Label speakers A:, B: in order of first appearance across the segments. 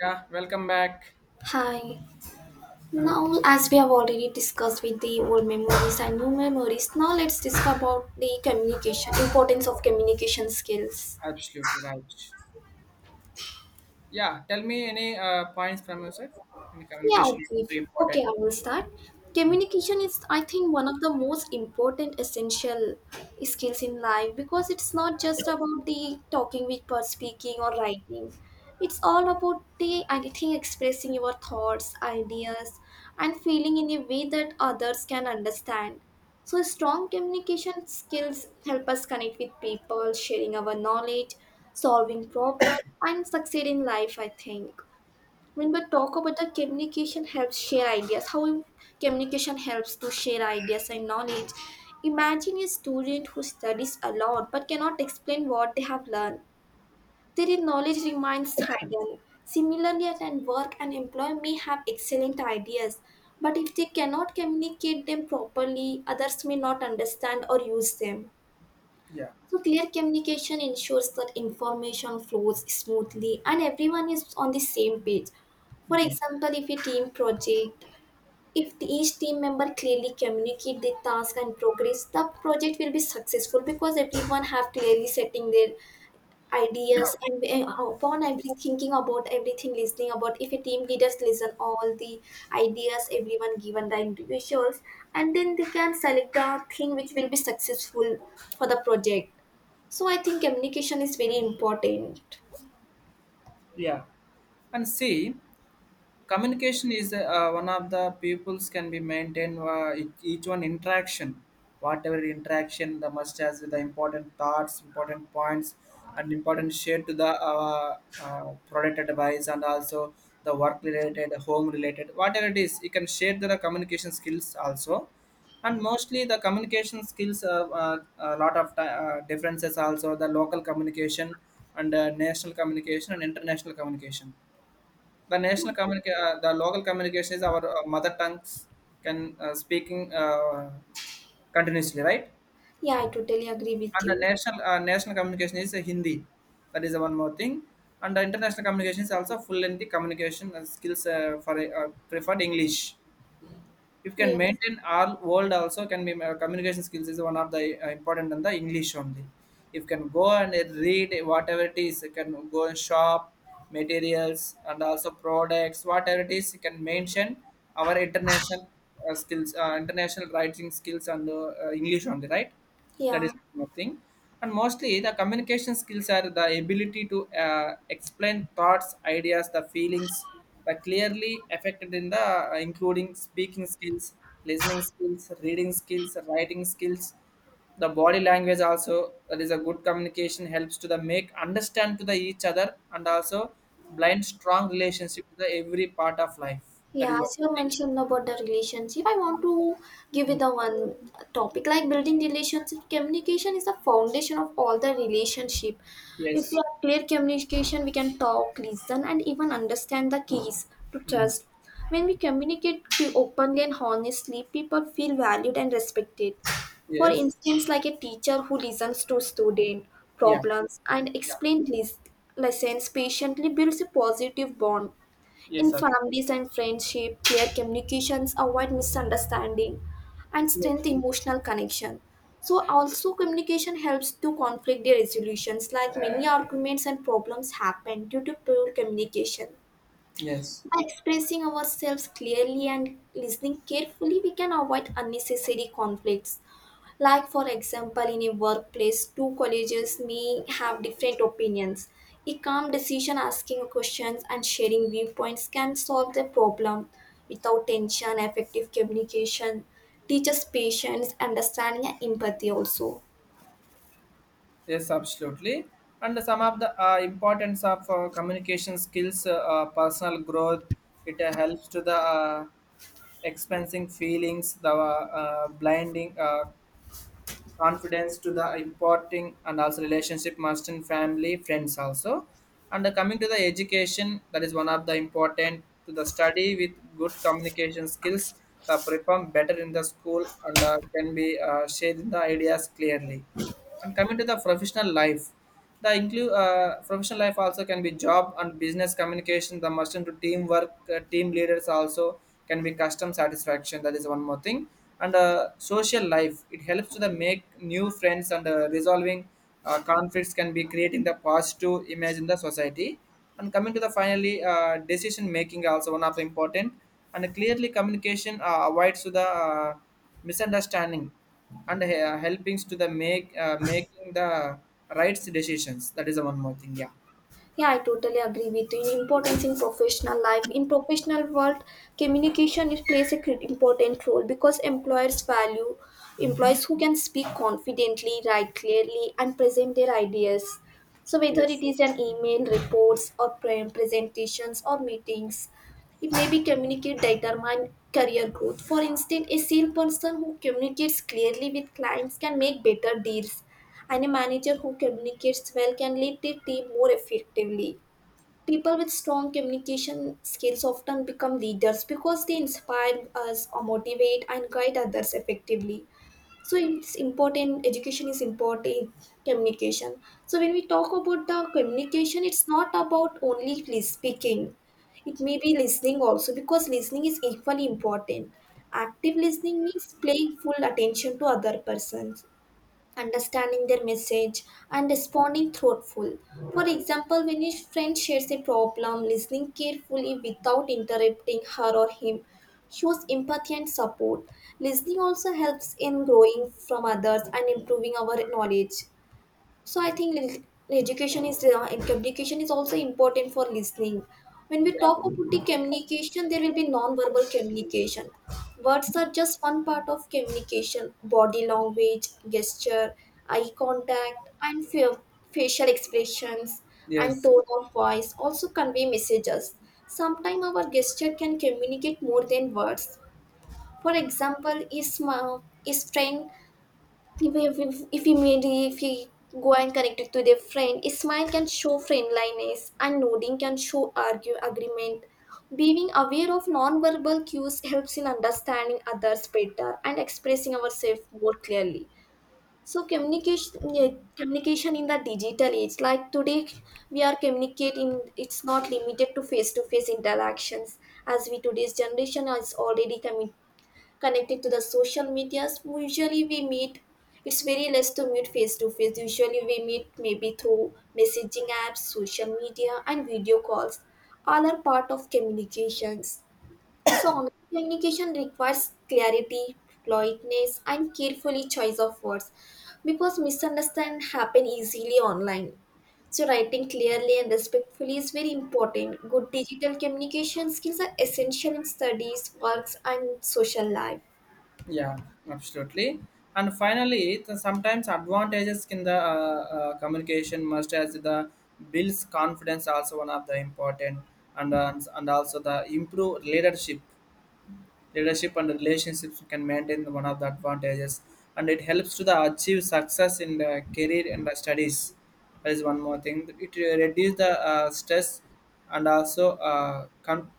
A: Yeah, welcome back.
B: Hi. Now, as we have already discussed with the old memories and new memories, now let's discuss about the communication importance of communication skills.
A: Absolutely right. Yeah, tell me any points from your side. Any
B: Yeah,
A: communication is
B: okay.
A: very
B: Okay,
A: important.
B: I will start.
A: Mm.
B: Communication is, I think, one of the most important essential skills in life because it's not just about the talking with per speaking or writing. It's all about the, I think, expressing your thoughts, ideas, and feeling in a way that others can understand. So, strong communication skills help us connect with people, sharing our knowledge, solving problems, and succeed in life, I think. When we talk about the communication helps share ideas, communication helps to share ideas and knowledge. Imagine a student who studies a lot but cannot explain what they have learned. Their knowledge remains hidden. Similarly, at an work, an employee may have excellent ideas, but if they cannot communicate them properly, others may not understand or use them.
A: Yeah.
B: So, clear communication ensures that information flows smoothly and everyone is on the same page. For
A: Mm.
B: example, if a team project, if the- each team member clearly communicate the task and progress, the project will be successful because everyone have clearly setting their ideas and upon every thinking about everything, listening about if a team leaders listen all the ideas everyone given the individuals, and then they can select the thing which will be successful for the project. So I think communication is very important.
A: Yeah. And see, communication is one of the peoples can be maintained, each one interaction, whatever interaction the must has, with the important thoughts, important points, and important share to the uh, product advice, and also the work related, home related, whatever it is, you can share the communication skills also. And mostly the communication skills, a lot of differences also, the local communication and national communication and international communication. The local communication is our mother tongues, can speaking continuously, right?
B: Yeah, I totally agree with
A: And the
B: you.
A: national communication is Hindi. That is the one more thing. And the international communication is also full lengthy communication skills, for preferred English. If can
B: Yes.
A: maintain our world also, can be communication skills is one of the important than the English only. If can go and read whatever it is, you can go and shop materials and also products, whatever it is, you can mention our international skills, international writing skills, and english only, right? That
B: Yeah.
A: is nothing. And mostly the communication skills are the ability to explain thoughts, ideas, the feelings are clearly affected, in the including speaking skills, listening skills, reading skills, writing skills, the body language also. That is, a good communication helps to the make understand to the each other, and also blind strong relationship to the every part of life. That
B: Yeah,
A: is
B: as
A: one
B: you
A: thing.
B: mentioned about the relationship, I want to give you
A: Mm.
B: the one topic like building relationship. Communication is the foundation of all the relationship. If we
A: Yes.
B: have clear communication, we can talk, listen, and even understand the keys to
A: Mm.
B: trust. When we communicate to openly and honestly, people feel valued and respected. For
A: Yes.
B: instance, like a teacher who listens to student
A: Yeah.
B: problems and
A: Yeah.
B: explains lessons patiently builds a positive bond.
A: Yes
B: In
A: sir.
B: families and friendship, clear communications avoid misunderstanding and strengthen emotional connection. So also communication helps to conflict resolutions like many arguments and problems happen due to poor communication.
A: Yes,
B: By expressing ourselves clearly and listening carefully, we can avoid unnecessary conflicts. Like, for example, in a workplace, two colleagues may have different opinions. A calm decision asking questions and sharing viewpoints can solve the problem without tension, effective communication, teaches patience, understanding, and empathy also.
A: yes, absolutely. And some of the importance of communication skills, personal growth, it helps to the expensing feelings, the blinding, confidence to the importing, and also relationship must, and family friends also. And coming to the education, that is one of the important, to the study with good communication skills, that perform better in the school, and can be shared in the ideas clearly. And coming to the professional life, the include professional life also, can be job and business communication. The must into teamwork, team leaders also, can be custom satisfaction. That is one more thing. And social life, it helps to the make new friends, and resolving conflicts, can be creating the positive image in the society. And coming to the finally, decision making also one of the important, and clearly communication avoids to the misunderstanding, and helpings to the make making the rights decisions. That is the one more thing. Yeah.
B: Yeah, I totally agree with you. Importance in professional life. In professional world, communication is important role because employers value
A: Hmm.
B: employees who can speak confidently, write clearly, and present their ideas. So whether it
A: Yes.
B: is an email, reports, or presentations or meetings, it may be communicate determine career growth. For instance, a salesperson who communicates clearly with clients can make better deals and a manager who communicates well can lead their team more effectively. People with strong communication skills often become leaders because they inspire us, or motivate, and guide others effectively. So it's important. Education is important. Communication. So when we talk about the communication, it's not about only speaking. It may be listening also because listening is equally important. Active listening means paying full attention to other persons, understanding their message, and responding thoughtful. For example, when a friend shares a problem, listening carefully without interrupting her or him shows empathy and support. Listening also helps in growing from others and improving our knowledge. So I think education is and communication is also important for listening. When we talk
A: Yeah.
B: about the communication, there will be non-verbal communication. Words are just one part of communication. Body language, gesture, eye contact, and facial expressions and
A: Yes.
B: tone of voice also convey messages. Sometimes our gesture can communicate more than words. For example, a smile, a strain, if you maybe if he go and connect it to their friend, a smile can show friendliness and nodding can show argue agreement. Being aware of non-verbal cues helps in understanding others better and expressing ourselves more clearly. So communication, yeah, communication in the digital age like today, we are communicating, it's not limited to face interactions. As we today's generation is already coming connected to the social medias, usually we meet, it's very less to meet face to face. Usually we meet maybe through messaging apps, social media, and video calls. All are part of communications. So online communication requires clarity, politeness, and carefully choice of words, because misunderstand happen easily online. So writing clearly and respectfully is very important. Good digital communication skills are essential in studies, works, and social life.
A: Yeah, absolutely. And finally, the sometimes advantages in the communication must, as the builds confidence also one of the important, and also the improve leadership and relationships can maintain, one of the advantages. And it helps to the achieve success in the career and the studies. That is one more thing. It reduces the stress, and also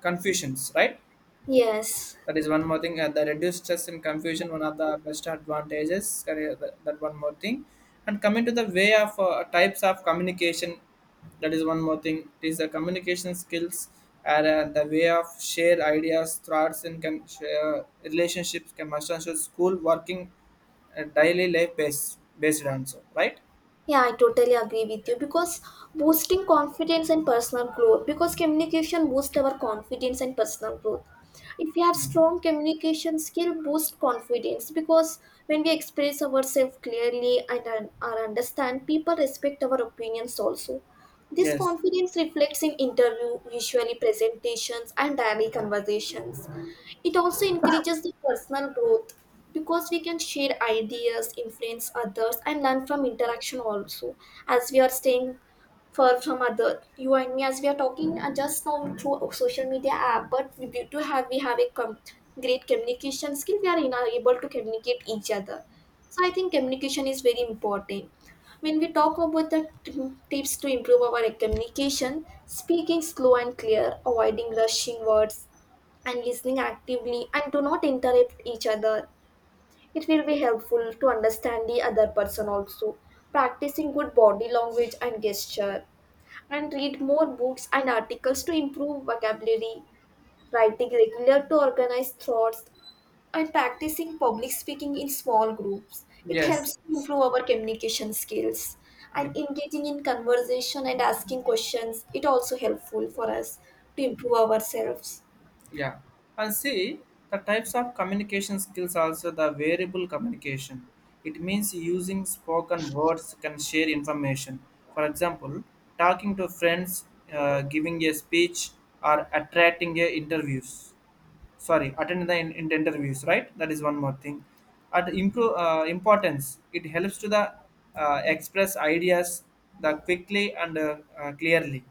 A: confusions, right?
B: Yes.
A: That is one more thing. The reduced stress and confusion, one of the best advantages. Correct. That one more thing. And coming to the way of types of communication, that is one more thing. It is the communication skills, and the way of share ideas, thoughts, and can share relationships, can must and should, school working, daily life based on, so right.
B: Yeah, I totally agree with you because boosting confidence and personal growth because communication boosts our confidence and personal growth. If we have
A: Mhm.
B: strong communication skill, boost confidence because when we express ourselves clearly and are understand, people respect our opinions also. This
A: Yes.
B: confidence reflects in interview, visually presentations, and daily conversations. It also encourages the personal growth because we can share ideas, influence others, and learn from interaction also. As we are staying far from other, you and me, as we are talking just now through social media app, but we have a great communication skill, we are are able to communicate each other. So I think communication is very important. When we talk about the tips to improve our communication, speaking slow and clear, avoiding rushing words, and listening actively and do not interrupt each other, it will be helpful to understand the other person also. Practicing good body language and gesture, and read more books and articles to improve vocabulary. Writing regular to organize thoughts, and practicing public speaking in small groups. It
A: Yes.
B: helps to improve our communication skills
A: Yeah.
B: and engaging in conversation and asking questions. It also helpful for us to improve ourselves.
A: Yeah, and see, the types of communication skills also, the variable communication. It means using spoken words can share information. For example, talking to friends, giving a speech, or attracting a interviews. Sorry, attend the interviews. Right, that is one more thing. At improve importance, it helps to the express ideas the quickly and clearly.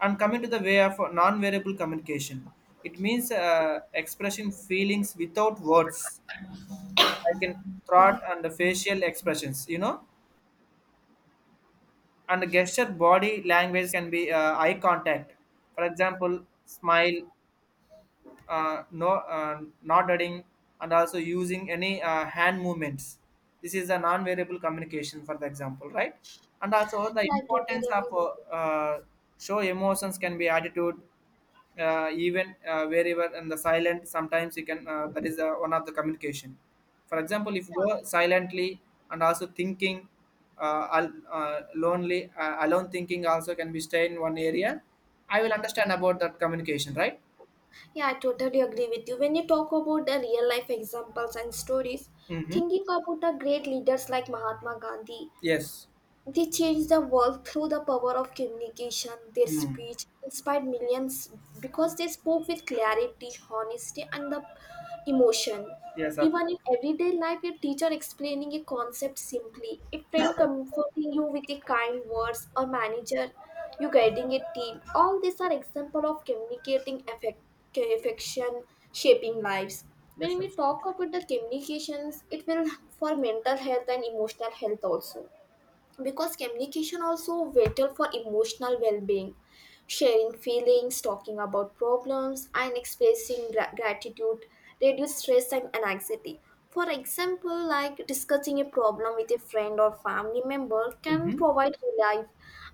A: And coming to the way of non-variable communication, it means expressing feelings without words, like in
B: Sorry.
A: thought and the facial expressions, and the gesture, body language, can be eye contact. For example, smile, no, nodding, and also using any hand movements. This is a non-variable communication, for the example, right? And also the
B: Yeah, I totally
A: importance of,
B: agree with you.
A: show emotions, can be attitude, even wherever, and the silent sometimes, you can that is one of the communication. For example, if you go silently, and also thinking, al- lonely alone thinking also, can be stay in one area. I will understand about that communication, right?
B: Yeah, I totally agree with you. When you talk about the real life examples and stories,
A: Hmm.
B: thinking about the great leaders like Mahatma Gandhi,
A: Yes.
B: they changed the world through the power of communication. Their
A: Hmm.
B: speech inspired millions because they spoke with clarity, honesty, and the emotion.
A: Yes,
B: Even in
A: absolutely.
B: everyday life, a teacher explaining a concept simply, a friend comforting you with a kind words, or manager you guiding a team. All these are example of communicating effect, affection, shaping lives. When
A: Yes,
B: we talk
A: absolutely.
B: about the communications, it will for mental health and emotional health also because communication also vital for emotional well-being, sharing feelings, talking about problems, and expressing gratitude reduce stress and anxiety. For example, like discussing a problem with a friend or family member can
A: Mm-hmm.
B: provide relief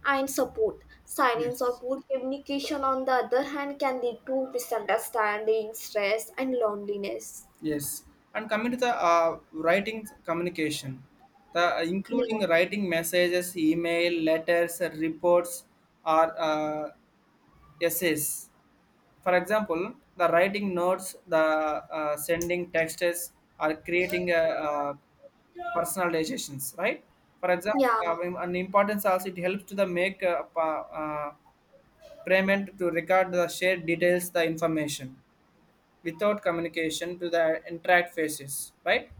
B: and support. Silence or
A: Yes.
B: poor communication on the other hand can lead to misunderstanding, stress, and loneliness.
A: Yes. And coming to the writing communication, the
B: Yeah.
A: including writing messages, email, letters, reports, or essays. For example, the writing notes, the sending texts, or creating a personalizations. Right. For example,
B: Yeah.
A: and importance also, it helps to the make payment, to record the shared details, the information without communication, to the interact phases, right?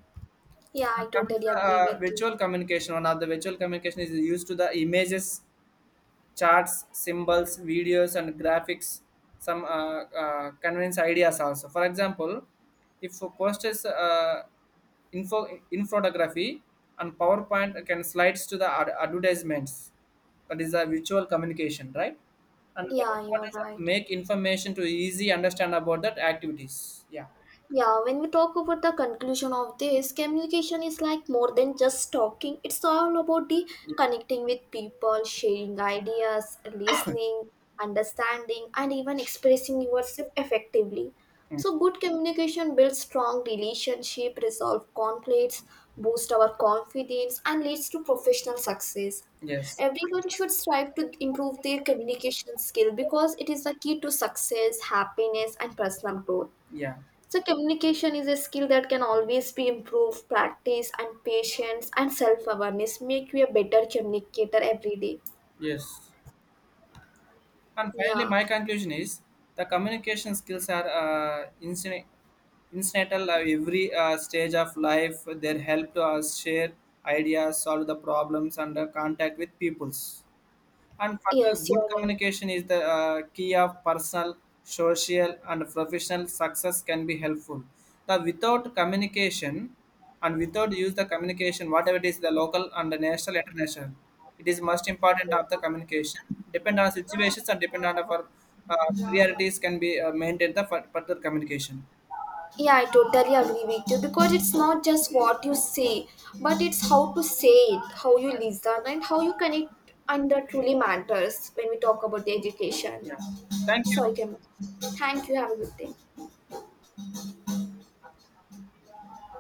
B: Yeah, I
A: And coming to
B: totally
A: the
B: agree with you.
A: virtual communication. One of the virtual communication is used to the images, charts, symbols, videos, and graphics, some convince ideas also. For example, if a post is info infography and PowerPoint can slides to the advertisements. That is a visual communication, right? And the
B: Yeah, you're
A: importance of
B: right.
A: make information to easy understand about that activities. Yeah.
B: Yeah, when we talk about the conclusion of this, communication is like more than just talking. It's all about the
A: Yeah.
B: connecting with people, sharing ideas, listening, understanding, and even expressing yourself effectively.
A: Mm.
B: So good communication builds strong relationship, resolve conflicts, boost our confidence, and leads to professional success.
A: Yes.
B: Everyone should strive to improve their communication skill because it is the key to success, happiness, and personal growth.
A: Yeah.
B: So communication is a skill that can always be improved. Practice and patience and self-awareness make you a better communicator every day.
A: Yes. And finally,
B: Yeah.
A: my conclusion is, the communication skills are incidental at every stage of life. They help to us share ideas, solve the problems, and contact with peoples. And further,
B: Yes,
A: good
B: you're right.
A: communication is the key of personal, social, and professional success, can be helpful. The without communication, and without use the communication, whatever it is, the local and the national, international, it is most important of the communication. Depend on situations, and depend on our uh, priorities, can be maintained the further communication.
B: Yeah, I totally agree with you because it's not just what you say, but it's how to say it, how you listen, and how you connect, and that truly matters when we talk about the education.
A: Yeah. Thank you.
B: Sorry, Kim. Thank you. Have a good day.